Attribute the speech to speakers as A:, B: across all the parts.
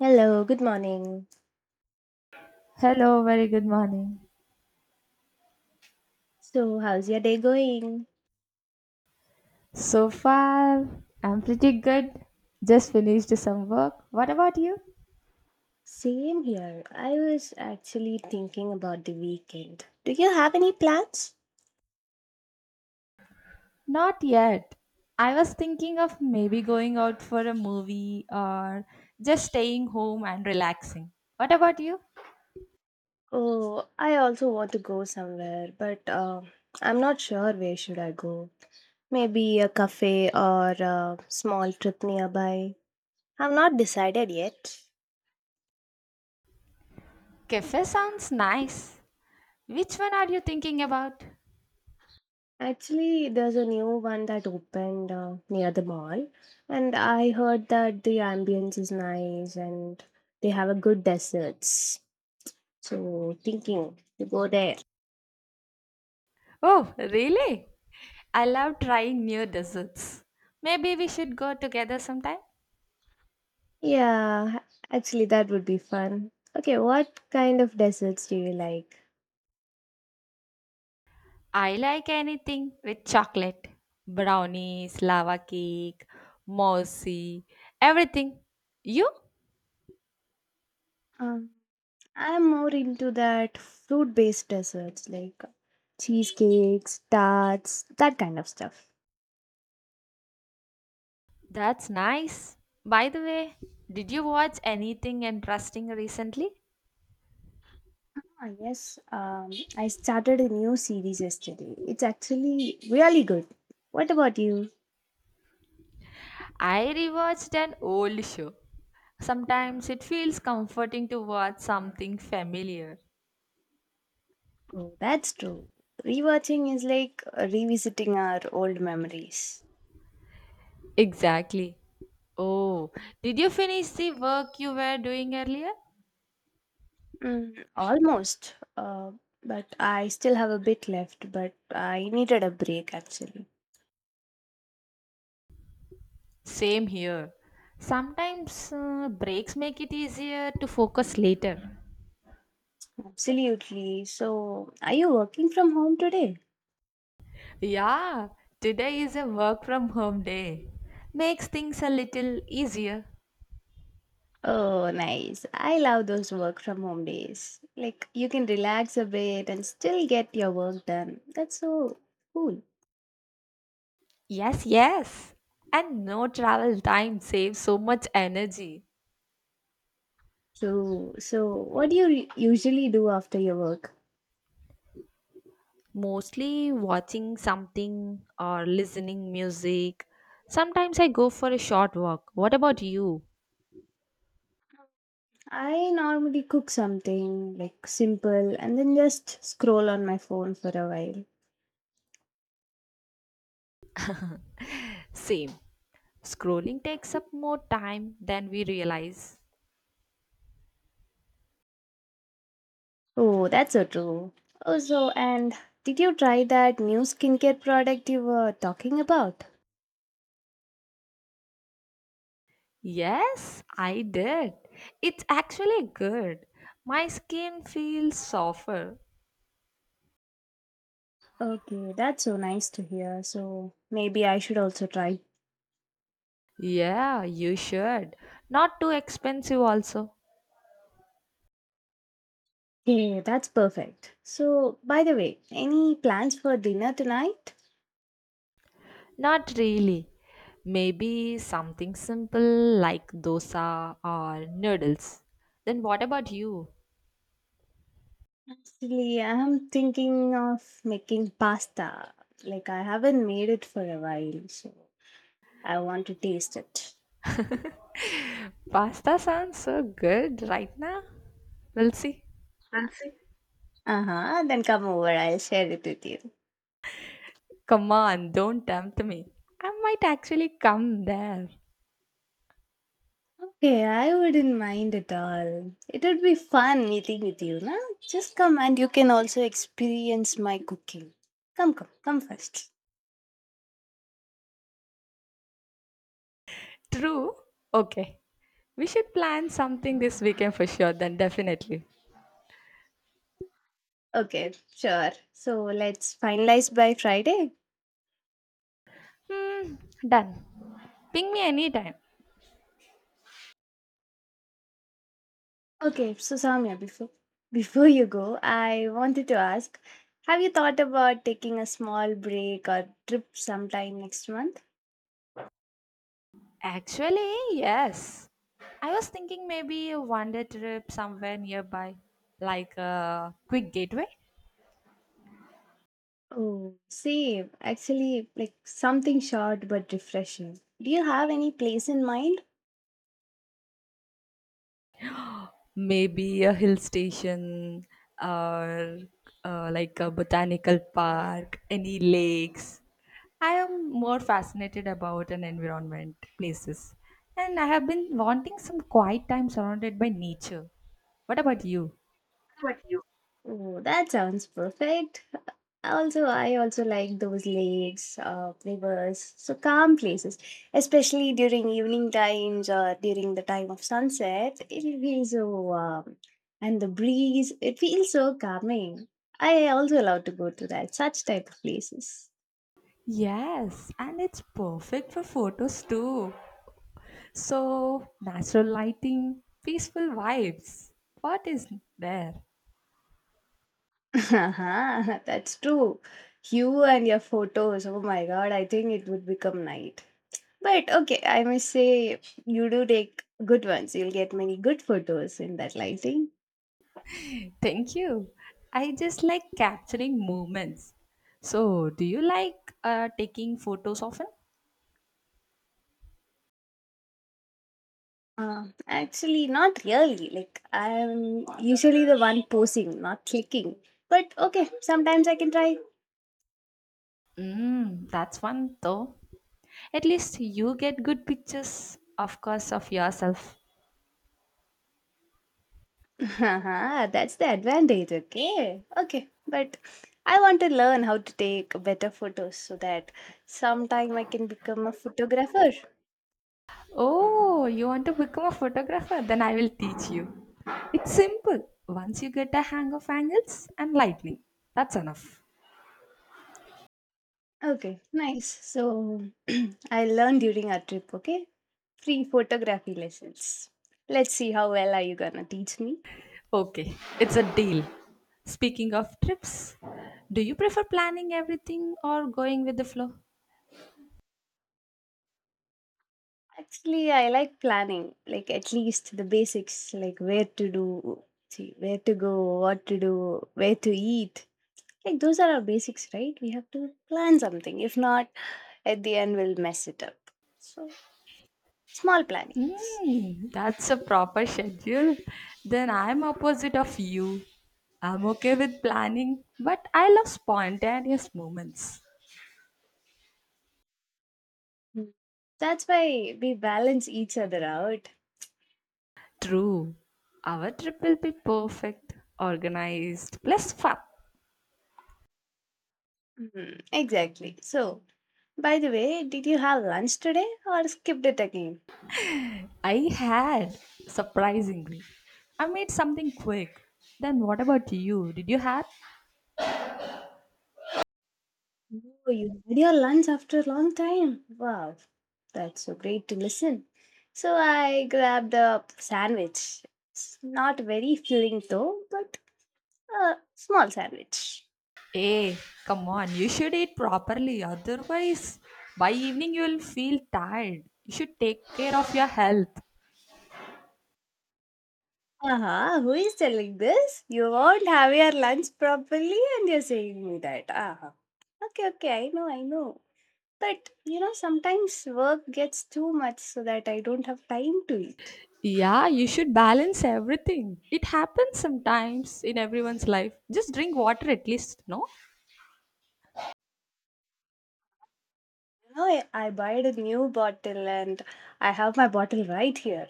A: Hello, good morning.
B: Hello, very good morning.
A: So, how's your day going?
B: So far, I'm pretty good. Just finished some work. What about you?
A: Same here. I was actually thinking about the weekend. Do you have any plans?
B: Not yet. I was thinking of maybe going out for a movie or just staying home and relaxing. What about you?
A: Oh, I also want to go somewhere, but I'm not sure where should I go. Maybe a cafe or a small trip nearby. I've not decided yet.
B: Cafe sounds nice. Which one are you thinking about?
A: Actually, there's a new one that opened near the mall, and I heard that the ambience is nice and they have a good desserts. So, thinking to go there.
B: Oh, really? I love trying new desserts. Maybe we should go together sometime.
A: Yeah, actually, that would be fun. Okay, what kind of desserts do you like?
B: I like anything with chocolate. Brownies, lava cake, mousy, everything. You?
A: Um, I'm more into that fruit-based desserts like cheesecakes, tarts, that kind of stuff.
B: That's nice. By the way, did you watch anything interesting recently?
A: Ah, yes, I started a new series yesterday. It's actually really good. What about you?
B: I rewatched an old show. Sometimes it feels comforting to watch something familiar.
A: Oh, that's true. Rewatching is like revisiting our old memories.
B: Exactly. Oh, did you finish the work you were doing earlier?
A: Mm, almost. But I still have a bit left, but I needed a break actually.
B: Same here. Sometimes breaks make it easier to focus later.
A: Absolutely. So, are you working from home today?
B: Yeah, today is a work from home day. Makes things a little easier.
A: Oh, nice. I love those work from home days. Like, you can relax a bit and still get your work done. That's so cool.
B: Yes, yes. And no travel time saves so much energy.
A: So what do you usually do after your work?
B: Mostly watching something or listening music. Sometimes I go for a short walk. What about you?
A: I normally cook something like simple and then just scroll on my phone for a while.
B: Same. Scrolling takes up more time than we realize.
A: Oh, that's so true. Also, and did you try that new skincare product you were talking about?
B: Yes, I did. It's actually good. My skin feels softer.
A: Okay, that's so nice to hear. So, maybe I should also try.
B: Yeah, you should. Not too expensive, also.
A: Hey, that's perfect. So, by the way, any plans for dinner tonight?
B: Not really. Maybe something simple like dosa or noodles. Then what about you?
A: Actually, I'm thinking of making pasta. Like, I haven't made it for a while, so I want to taste it.
B: Pasta sounds so good right now. We'll see.
A: Fancy? Uh huh. Then come over, I'll share it with you.
B: Come on, don't tempt me. I might actually come there.
A: Okay, I wouldn't mind at all. It would be fun meeting with you, na? Just come and you can also experience my cooking. Come, come, come first.
B: True? Okay. We should plan something this weekend for sure, then definitely.
A: Okay, sure. So, let's finalize by Friday.
B: Hmm, done. Ping me anytime.
A: Okay, so Samya, before you go, I wanted to ask, have you thought about taking a small break or trip sometime next month?
B: Actually, yes. I was thinking maybe a one day trip somewhere nearby, like a quick gateway.
A: Oh, same. Actually, like something short but refreshing. Do you have any place in mind?
B: Maybe a hill station or like a botanical park, any lakes. I am more fascinated about an environment, places, and I have been wanting some quiet time surrounded by nature. What about you?
A: What you? Oh, that sounds perfect. Also, I also like those lakes, rivers, so calm places, especially during evening times or during the time of sunset. It feels so warm, and the breeze. It feels so calming. I also love to go to that such type of places.
B: Yes, and it's perfect for photos too. So, natural lighting, peaceful vibes. What is there?
A: Haha, that's true. You and your photos. Oh my God, I think it would become night. But okay, I must say you do take good ones. You'll get many good photos in that lighting.
B: Thank you. I just like capturing moments. So, do you like taking photos often?
A: Actually, not really. Like, I'm usually the one posing, not clicking. But okay, sometimes I can try.
B: Mm, that's one though. At least you get good pictures, of course, of yourself.
A: Haha, that's the advantage, okay? Okay, but I want to learn how to take better photos so that sometime I can become a photographer.
B: Oh, you want to become a photographer? Then I will teach you. It's simple. Once you get a hang of angles and lightning, that's enough.
A: Okay, nice. So, I learn during our trip, okay? Free photography lessons. Let's see how well are you gonna teach me.
B: Okay, it's a deal. Speaking of trips, do you prefer planning everything or going with the flow?
A: Actually, I like planning, like at least the basics, like where to do, see, where to go, what to do, where to eat. Like those are our basics, right? We have to plan something. If not, at the end, we'll mess it up. So, small plannings.
B: Mm, that's a proper schedule. Then I'm opposite of you. I'm okay with planning, but I love spontaneous moments.
A: Mm. That's why we balance each other out.
B: True. Our trip will be perfect, organized, plus fun.
A: Mhm. Exactly. So, by the way, did you have lunch today or skipped it again?
B: I had, surprisingly. I made something quick. Then what about you? Did you have?
A: Oh, you had your lunch after a long time. Wow, that's so great to listen. So I grabbed a sandwich. It's not very filling though, but a small sandwich.
B: Hey, come on, you should eat properly, otherwise, by evening you'll feel tired. You should take care of your health.
A: Uh-huh, who is telling this? You won't have your lunch properly and you're saying me that. Uh-huh. Okay, okay, I know, I know. But you know, sometimes work gets too much so that I don't have time to eat.
B: Yeah, you should balance everything. It happens sometimes in everyone's life. Just drink water at least, no?
A: You know, I buy a new bottle and I have my bottle right here.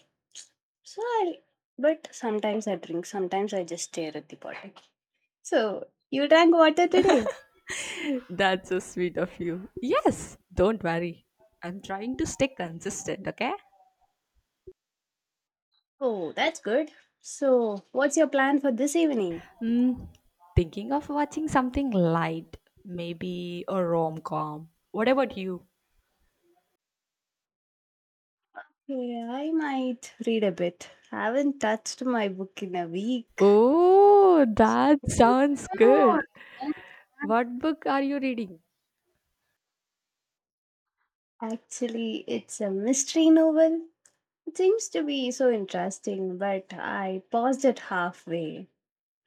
A: So I, but sometimes I drink, sometimes I just stare at the bottle. So you drank water today?
B: That's so sweet of you. Yes, don't worry. I'm trying to stay consistent, okay?
A: Oh, that's good. So what's your plan for this evening?
B: Mm, thinking of watching something light, maybe a rom com. What about you?
A: Yeah, I might read a bit. I haven't touched my book in a week.
B: Oh, that sounds
A: No,
B: good. What book are you reading?
A: actually, it's a mystery novel. It seems to be so interesting, but I paused it halfway.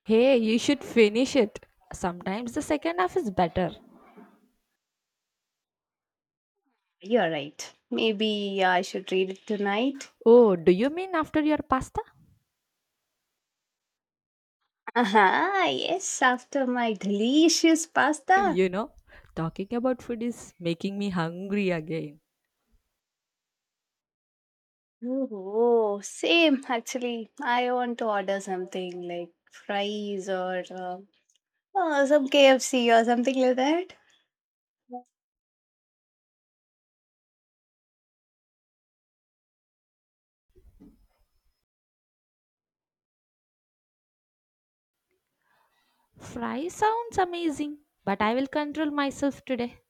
B: Hey, you should finish it. Sometimes the second half is better.
A: You're right. Maybe I should read it tonight.
B: Oh, do you mean after your pasta?
A: Aha, yes, after my delicious pasta.
B: You know, talking about food is making me hungry again.
A: Oh, same actually. I want to order something like fries or some KFC or something like that.
B: Fry sounds amazing, but I will control myself today.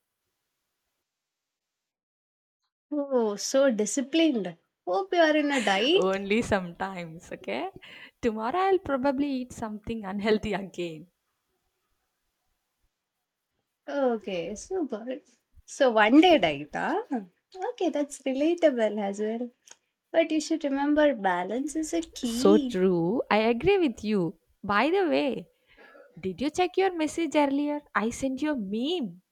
A: Oh, so disciplined. Hope you are in a diet.
B: Only sometimes, okay? Tomorrow I'll probably eat something unhealthy again.
A: Okay, super. So one day diet, huh? Okay, that's relatable as well. But you should remember balance is a
B: So
A: key.
B: true. I agree with you. By the way, did you check your message earlier? I sent you a meme.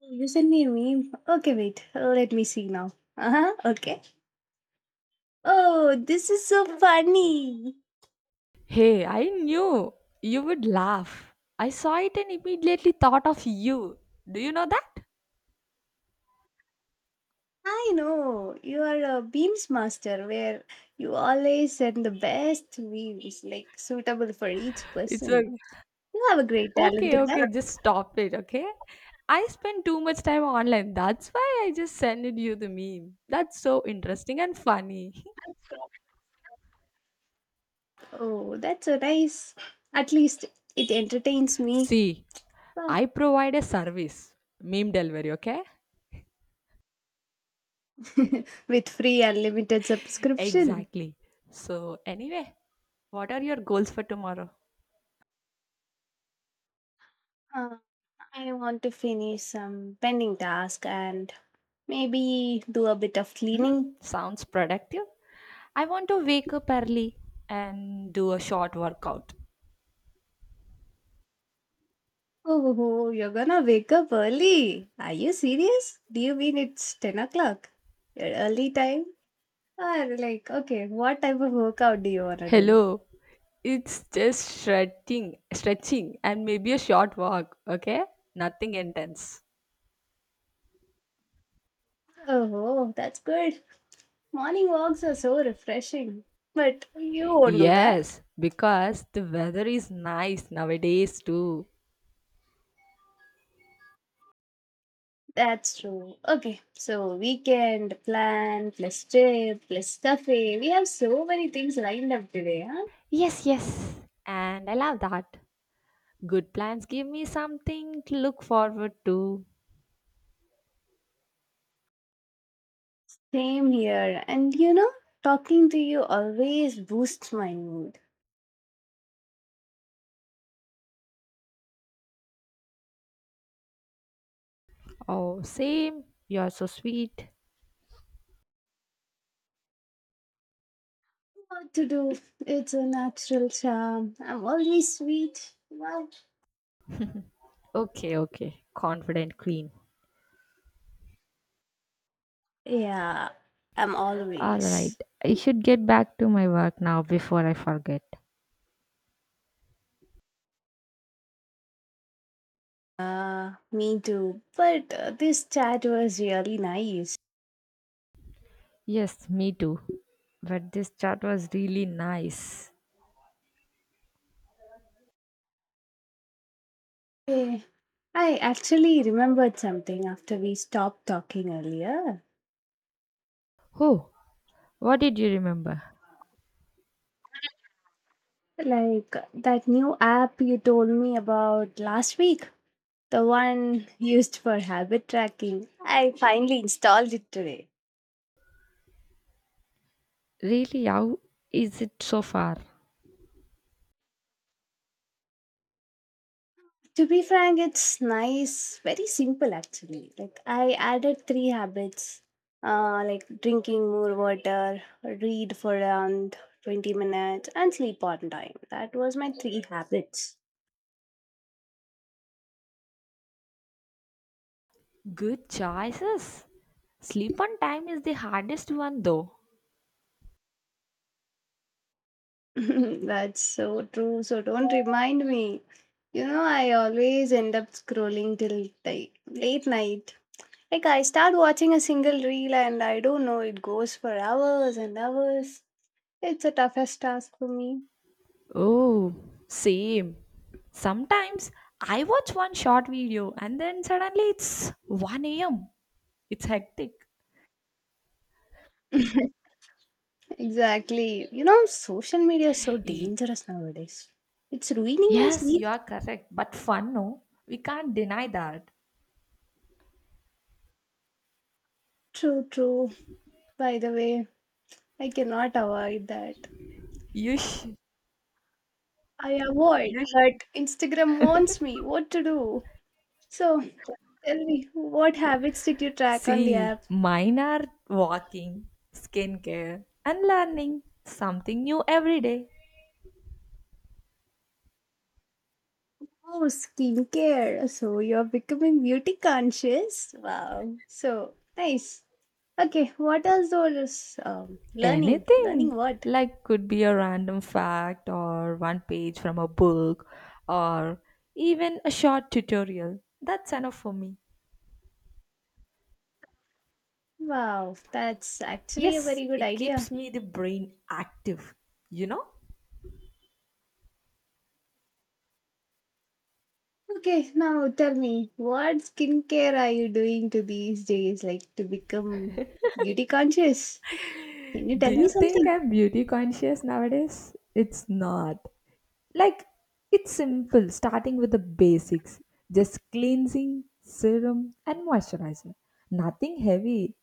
A: You send me a meme. Okay, wait. Let me see now. Uh huh. Okay. Oh, this is so funny.
B: Hey, I knew you would laugh. I saw it and immediately thought of you. Do you know that?
A: I know. You are a beams master where you always send the best beams, like suitable for each
B: It's a
A: person. You have a great talent
B: Okay,
A: in
B: okay,
A: that.
B: just stop it, okay? I spend too much time online. That's why I just sent you the meme. That's so interesting and funny.
A: Oh, that's so nice. At least it entertains me.
B: See,
A: Wow.
B: I provide a service, meme delivery, okay?
A: With free unlimited subscription.
B: Exactly. So, anyway, what are your goals for tomorrow?
A: Uh, I want to finish some pending task and maybe do a bit of
B: Hmm?
A: cleaning.
B: Sounds productive. I want to wake up early and do a short workout.
A: Oh, oh, you're gonna wake up early. Are you serious? Do you mean it's 10 o'clock? Your early time? Or like, okay, what type of workout do you wanna do?
B: Hello, it's just stretching, stretching, and maybe a short walk, okay? Nothing intense.
A: Oh, oh, that's good. Morning walks are so refreshing. But you won't do that.
B: Yes, because the weather is nice nowadays too.
A: That's true. Okay, so weekend plan plus trip plus cafe. We have so many things lined up today, huh?
B: Yes, yes. And I love that. Good plans give me something to look forward to.
A: Same here. And you know, talking to you always boosts my mood.
B: Oh, same. You're so sweet.
A: What to do? It's a natural charm. I'm always sweet. Wow.
B: Okay, okay. Confident queen.
A: Yeah, I'm
B: All right.
A: always.
B: I should get back to my work now before I forget.
A: Me too. But this chat was really nice.
B: Yes, me too. But this chat was really nice.
A: Eh, I actually remembered something after we stopped talking earlier.
B: Oh, what did you remember?
A: Like that new app you told me about last week, the one used for habit tracking. I finally installed it today.
B: Really, how is it so far?
A: To be frank, it's nice, very simple actually. Like I added three habits, like drinking more water, read for around 20 minutes, and sleep on time. That was my three habits.
B: Good choices. Sleep on time is the hardest one though.
A: That's so true. So don't remind me. You know, I always end up scrolling till like late night. Like I start watching a single reel and I don't know, it goes for hours and hours. It's a toughest task for me.
B: Oh, same. Sometimes I watch one short video and then suddenly it's 1 a.m. It's hectic.
A: Exactly. You know, social media is so
B: Y-
A: dangerous nowadays. It's ruining my
B: Yes, you
A: sleep.
B: are correct, but fun, no? We can't deny that.
A: True, true. By the way, I cannot avoid that.
B: You sh-
A: I avoid, but Instagram wants me. What to do? So, tell me, what habits did you track on the
B: See,
A: app?
B: mine are walking, skincare, and learning something new every day.
A: Oh, skincare. So, you're becoming beauty conscious. Wow. So, nice. Okay, what else was learning?
B: Anything
A: Learning what?
B: like could be a random fact or one page from a book or even a short tutorial. That's enough for me.
A: Wow, that's actually a
B: Yes,
A: very good
B: it keeps
A: idea.
B: me the brain active, you know?
A: Okay, now tell me, what skincare are you doing to these days, like to become beauty conscious? Can you tell
B: Do
A: me
B: you think
A: something?
B: I'm beauty conscious nowadays? It's not. Like, it's simple, starting with the basics just cleansing, serum, and moisturizer. Nothing heavy.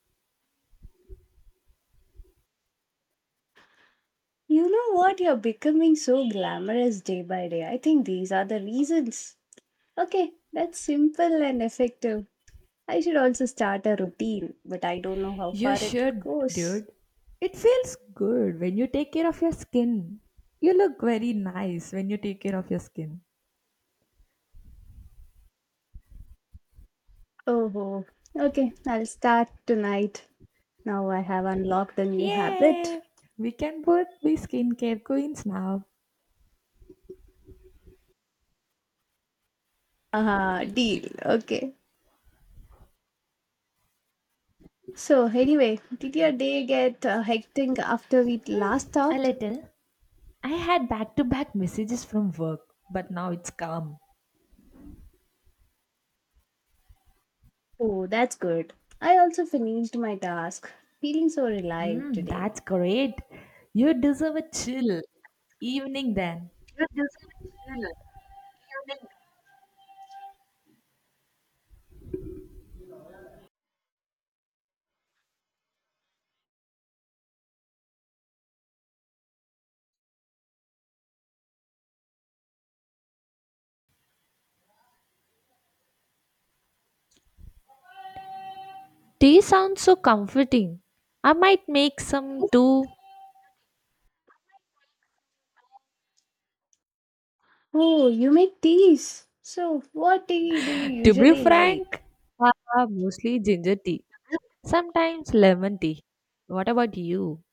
A: You know what? You're becoming so glamorous day by day. I think these are the reasons. Okay, that's simple and effective. I should also start a routine, but I don't know how
B: You
A: far it
B: should,
A: goes.
B: dude. It feels good when you take care of your skin. You look very nice when you take care of your skin.
A: Oh, oh, okay, I'll start tonight. Now I have unlocked a new habit.
B: Yay! We can both be skincare queens now.
A: Ah, deal. Okay. So, anyway, did your day get hectic after we
B: Hmm,
A: last
B: a
A: talked?
B: little. I had back to back messages from work, but now it's calm.
A: Oh, that's good. I also finished my task, feeling so relieved
B: Hmm,
A: today.
B: that's great. You deserve a chill evening then. Tea sounds so comforting. I might make some too.
A: Oh, you make teas. So, what tea do you
B: To be
A: usually like?
B: frank, ah, mostly ginger tea. Sometimes lemon tea. What about you?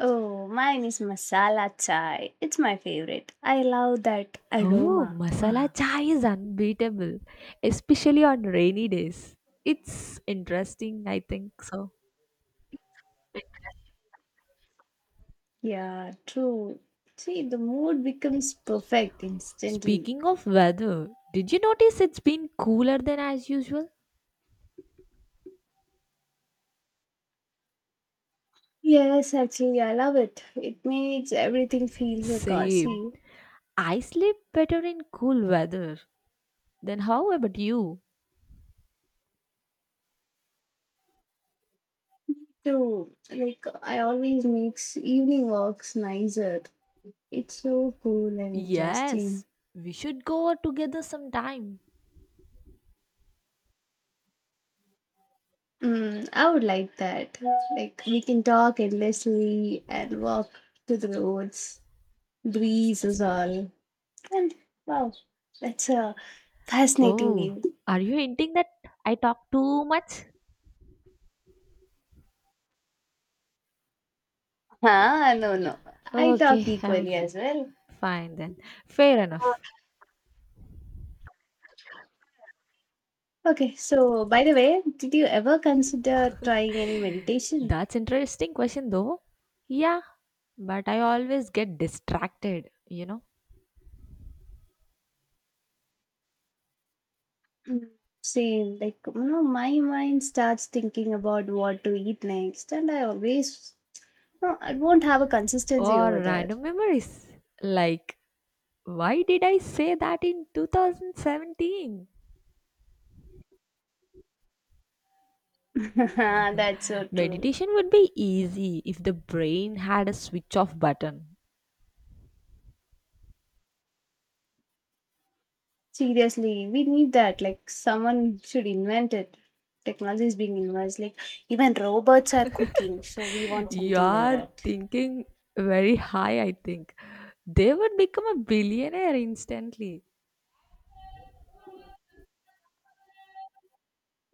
A: Oh, mine is masala chai. It's my favorite. I love that
B: Oh,
A: aroma.
B: masala
A: Wow.
B: chai is unbeatable, especially on rainy days. It's interesting, I think so.
A: Yeah, true. See, the mood becomes perfect instantly.
B: Speaking of weather, did you notice it's been cooler than as usual?
A: Yes, actually, I love it. It makes everything feel
B: Same.
A: cozy
B: I sleep better in cool weather. Then how about you?
A: too. Like I always makes evening walks nicer. It's so cool and interesting.
B: Yes, we should go out together sometime.
A: Mm, I would like that. Like we can talk endlessly and walk to the roads, breezes all, and wow, that's a fascinating
B: Oh,
A: view.
B: are you hinting that I talk too much?
A: Ah, no, no, I
B: Okay,
A: talk
B: I'm
A: equally as well.
B: Fine then. Fair enough.
A: Okay, so by the way, did you ever consider trying any meditation?
B: That's interesting question though. Yeah, but I always get distracted,
A: Mm. Same, like you know, my mind starts thinking about what to eat next, and I always, no, I won't have a consistency
B: or
A: over there.
B: random memories. Like, why did I say that in 2017?
A: That's so true.
B: Meditation would be easy if the brain had a switch off button.
A: Seriously, we need that. Like someone should invent it. Technology is being invented. Like even robots are cooking, so we want something like
B: You're
A: that.
B: thinking very high, I think. They would become a billionaire instantly.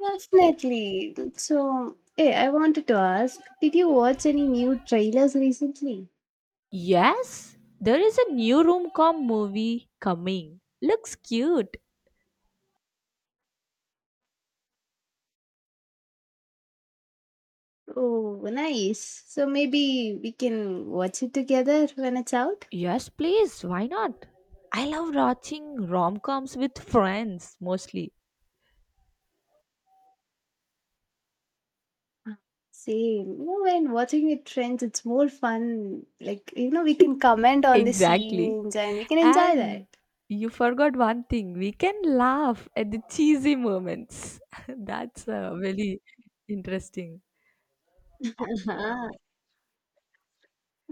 A: Definitely. So, hey, I wanted to ask, did you watch any new trailers recently?
B: Yes, there is a new rom-com movie coming. Looks cute.
A: Oh, nice. So maybe we can watch it together when it's out.
B: Yes, please, why not? I love watching rom-coms with friends mostly.
A: Ah, same. You know, when watching it trends, it's more fun. Like, you know, we can comment on the
B: Exactly.
A: scenes and we can enjoy
B: And
A: that.
B: you forgot one thing. We can laugh at the cheesy moments. That's really interesting.
A: Ah,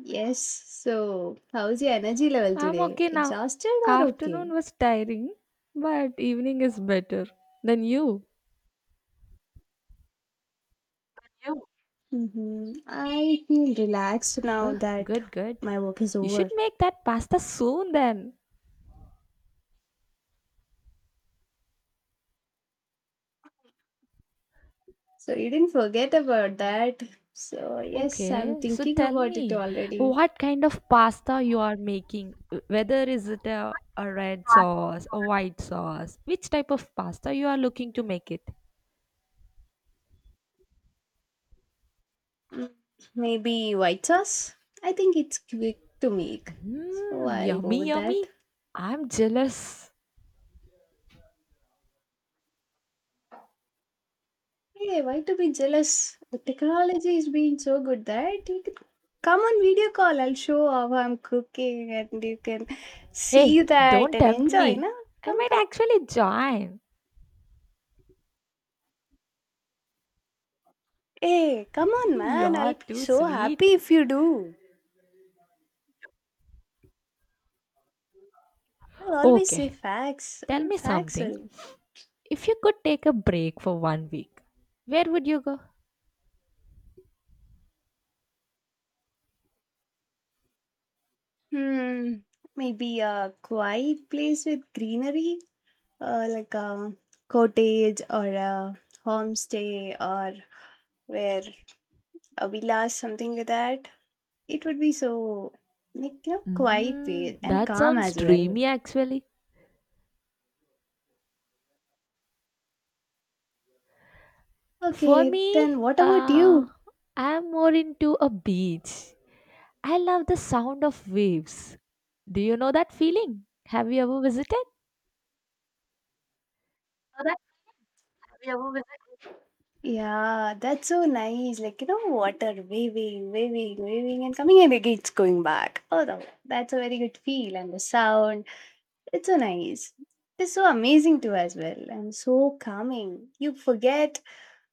A: yes. So, how's your energy level
B: I'm
A: today?
B: okay now.
A: Exhausted or
B: Afternoon
A: okay?
B: was tiring, but evening is better than you.
A: Yeah. Mm-hmm. I feel relaxed now
B: Ugh,
A: that
B: good, good.
A: my work is
B: You should
A: over.
B: make that pasta soon then.
A: So you didn't forget about that. So yes, I'm
B: Okay, so
A: thinking
B: tell
A: about it
B: me,
A: already.
B: what kind of pasta you are making? Whether is it a red sauce, a white sauce, which type of pasta you are looking to make it?
A: Mm, maybe white sauce? I think it's quick to make. So
B: Mmm,
A: I'll go
B: yummy,
A: with
B: yummy.
A: that.
B: I'm jealous.
A: Hey, why to be jealous? The technology is being so good that you can come on video call. I'll show how I'm cooking and you can see
B: Hey,
A: that
B: don't
A: and
B: tempt
A: enjoy,
B: me.
A: na?
B: I
A: Come,
B: might
A: come.
B: actually join.
A: Hey, come on,
B: You
A: man.
B: are
A: I'll be
B: too
A: so
B: sweet.
A: happy if you do. I always say
B: Okay,
A: facts
B: tell
A: and
B: me
A: facts
B: something.
A: will.
B: If you could take a break for one week, where would you go?
A: Hmm, maybe a quiet place with greenery, like a cottage or a homestay or where a villa, something like that. It would be so like you know, quiet
B: Mm,
A: place and
B: that
A: calm
B: sounds
A: as well.
B: dreamy actually. For
A: Okay,
B: me,
A: then what about you?
B: I'm more into a beach. I love the sound of waves. Do you know that feeling? Have you ever visited?
A: Oh, that have you ever visited? Yeah, that's so nice. Like you know, water waving, waving, waving, and coming and again it's going back. Oh, no, that's a very good feel and the sound. It's so nice. It's so amazing too as well and so calming. You forget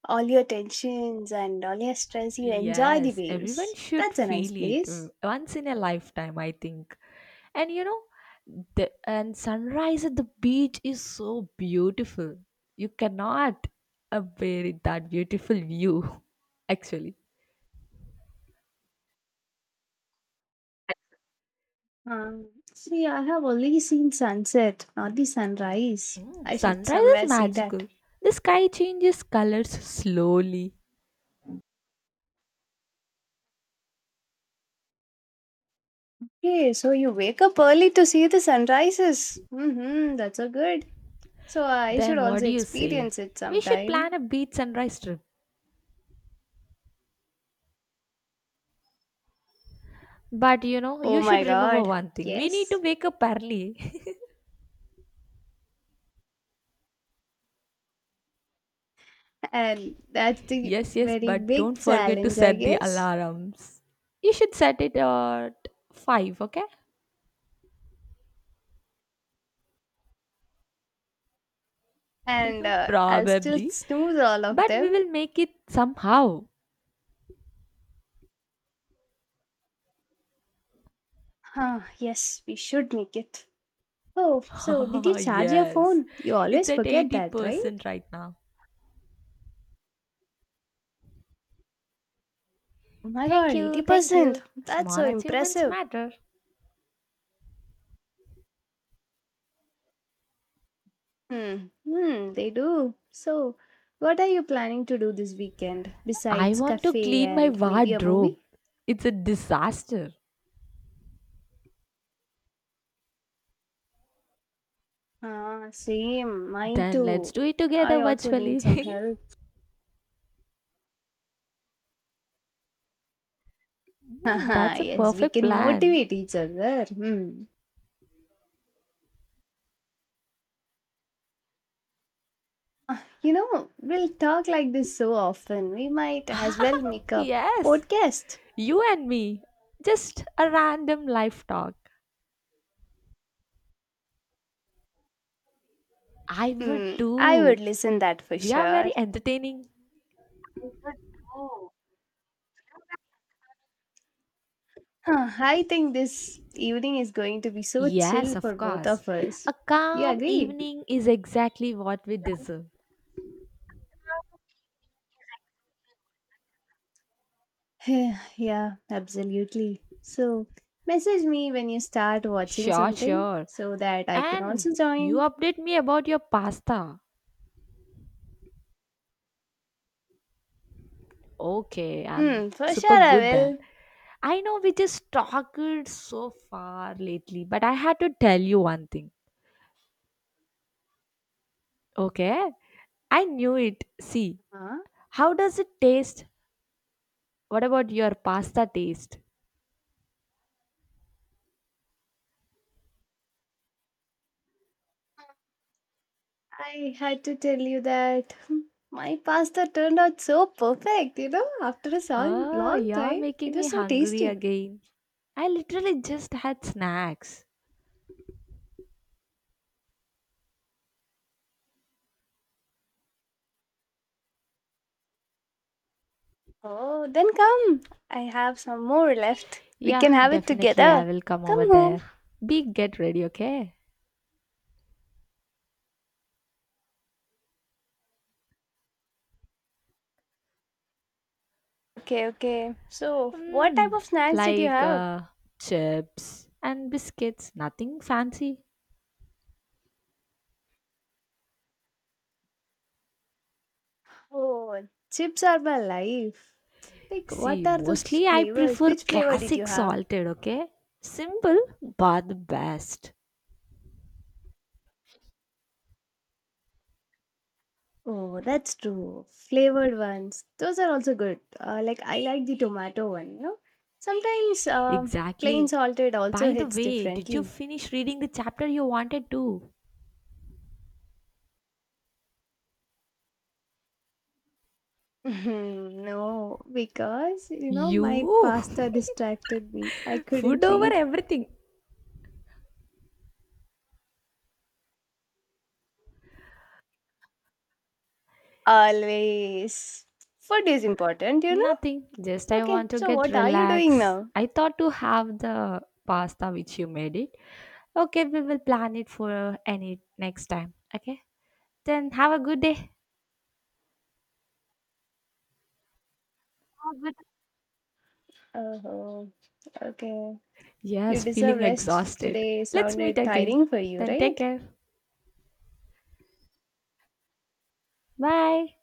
A: all your tensions and all your stress. You enjoy the
B: Yes, everyone
A: waves.
B: should
A: That's a nice
B: feel it
A: place.
B: once in a lifetime, I think. And you know, the and sunrise at the beach is so beautiful. You cannot bear it, that beautiful view, actually.
A: See, I have only seen sunset, not the sunrise.
B: Mm,
A: I should
B: sunrise is
A: somewhere see that.
B: magical. The sky changes colors slowly.
A: Okay, so you wake up early to see the sunrises. Mm-hmm, that's so good. So I should
B: Then what
A: also
B: do you say?
A: experience it
B: We should
A: sometime.
B: plan a beach sunrise trip. But you know,
A: Oh
B: you should
A: my
B: remember
A: god.
B: one thing. We need to
A: Yes.
B: wake up early.
A: And that's the
B: Yes, yes,
A: very
B: but don't
A: big
B: forget to
A: challenge, I
B: set the
A: guess.
B: alarms. You should set it at 5, okay?
A: And I'll still
B: Probably.
A: snooze all of
B: But we
A: them.
B: will make it somehow.
A: Huh, yes, we should make it. Oh, so did you charge your
B: Yes.
A: phone? You
B: It's
A: always
B: at
A: forget that, right?
B: 80% right now.
A: Oh my
B: Thank
A: god,
B: you, thank
A: 80%.
B: you.
A: That's so
B: Small achievements
A: impressive.
B: matter.
A: Hmm. Hmm, they do. So what are you planning to do this weekend
B: I
A: besides
B: want to
A: cafe
B: clean my
A: and maybe a
B: wardrobe.
A: movie?
B: It's a disaster.
A: Ah, same, mine
B: Then let's
A: too.
B: do it together
A: I also need some
B: virtually.
A: help.
B: Hmm,
A: Haha!
B: that's a
A: Yes, we
B: perfect
A: can
B: plan.
A: motivate each other. Hmm. Ah, you know, we'll talk like this so often. We might as well make a
B: Yes,
A: podcast.
B: you and me. Just a random life talk. I would
A: Hmm. I would
B: too.
A: listen that for
B: We are
A: sure.
B: very entertaining.
A: Oh. Huh, I think this evening is going to be so
B: Yes,
A: chill
B: of
A: for both
B: course.
A: of us.
B: A
A: You
B: calm
A: agree?
B: evening is exactly what we deserve.
A: Yeah, yeah, absolutely. So, message me when you start watching
B: Sure,
A: something
B: sure.
A: so that I can
B: And
A: also
B: you
A: join.
B: update me about your pasta. Okay, I'm
A: Hmm, for
B: super
A: sure I
B: good then.
A: will.
B: I know we just talked so far lately, but I had to tell you one thing. Okay? I knew it. See,
A: Huh?
B: how does it taste? What about your pasta taste?
A: I had to tell you that my pasta turned out so perfect, you know, after a
B: Oh,
A: long
B: you're
A: time.
B: making
A: It
B: me
A: was so
B: hungry
A: tasty.
B: again. I literally just had snacks.
A: Oh, then come. I have some more left. We
B: Yeah,
A: can have it
B: definitely I
A: together.
B: will come over
A: Come home.
B: there. Be get ready, okay?
A: Okay, okay. So, what type
B: Mm,
A: of snacks did you
B: like
A: have?
B: chips and biscuits, nothing fancy.
A: Oh, chips are my life. Like,
B: See,
A: what are those
B: mostly I
A: flavors?
B: prefer
A: Which flavor did you
B: classic
A: have?
B: salted, okay? Simple, but the best.
A: Oh, that's true. Flavored ones. Those are also good. Like I like the tomato one, you know. Sometimes plain
B: Exactly.
A: salted also
B: By the
A: hits
B: way, did you
A: differently.
B: finish reading the chapter you wanted to?
A: Mhm, no, because you know my
B: You!
A: pasta distracted me. I
B: Food
A: couldn't
B: over
A: read.
B: everything.
A: Always. Food is important, you know?
B: Nothing. Just I
A: Okay,
B: want to
A: so
B: get
A: what are you doing
B: relaxed.
A: now?
B: I thought to have the pasta which you made it. Okay, we will plan it for any next time. Okay? Then have a good day.
A: Oh, okay. You
B: Yes,
A: deserve
B: feeling
A: rest.
B: exhausted.
A: Today
B: Let's meet
A: sounded
B: again.
A: tiring for you,
B: Then take
A: right?
B: care. Bye.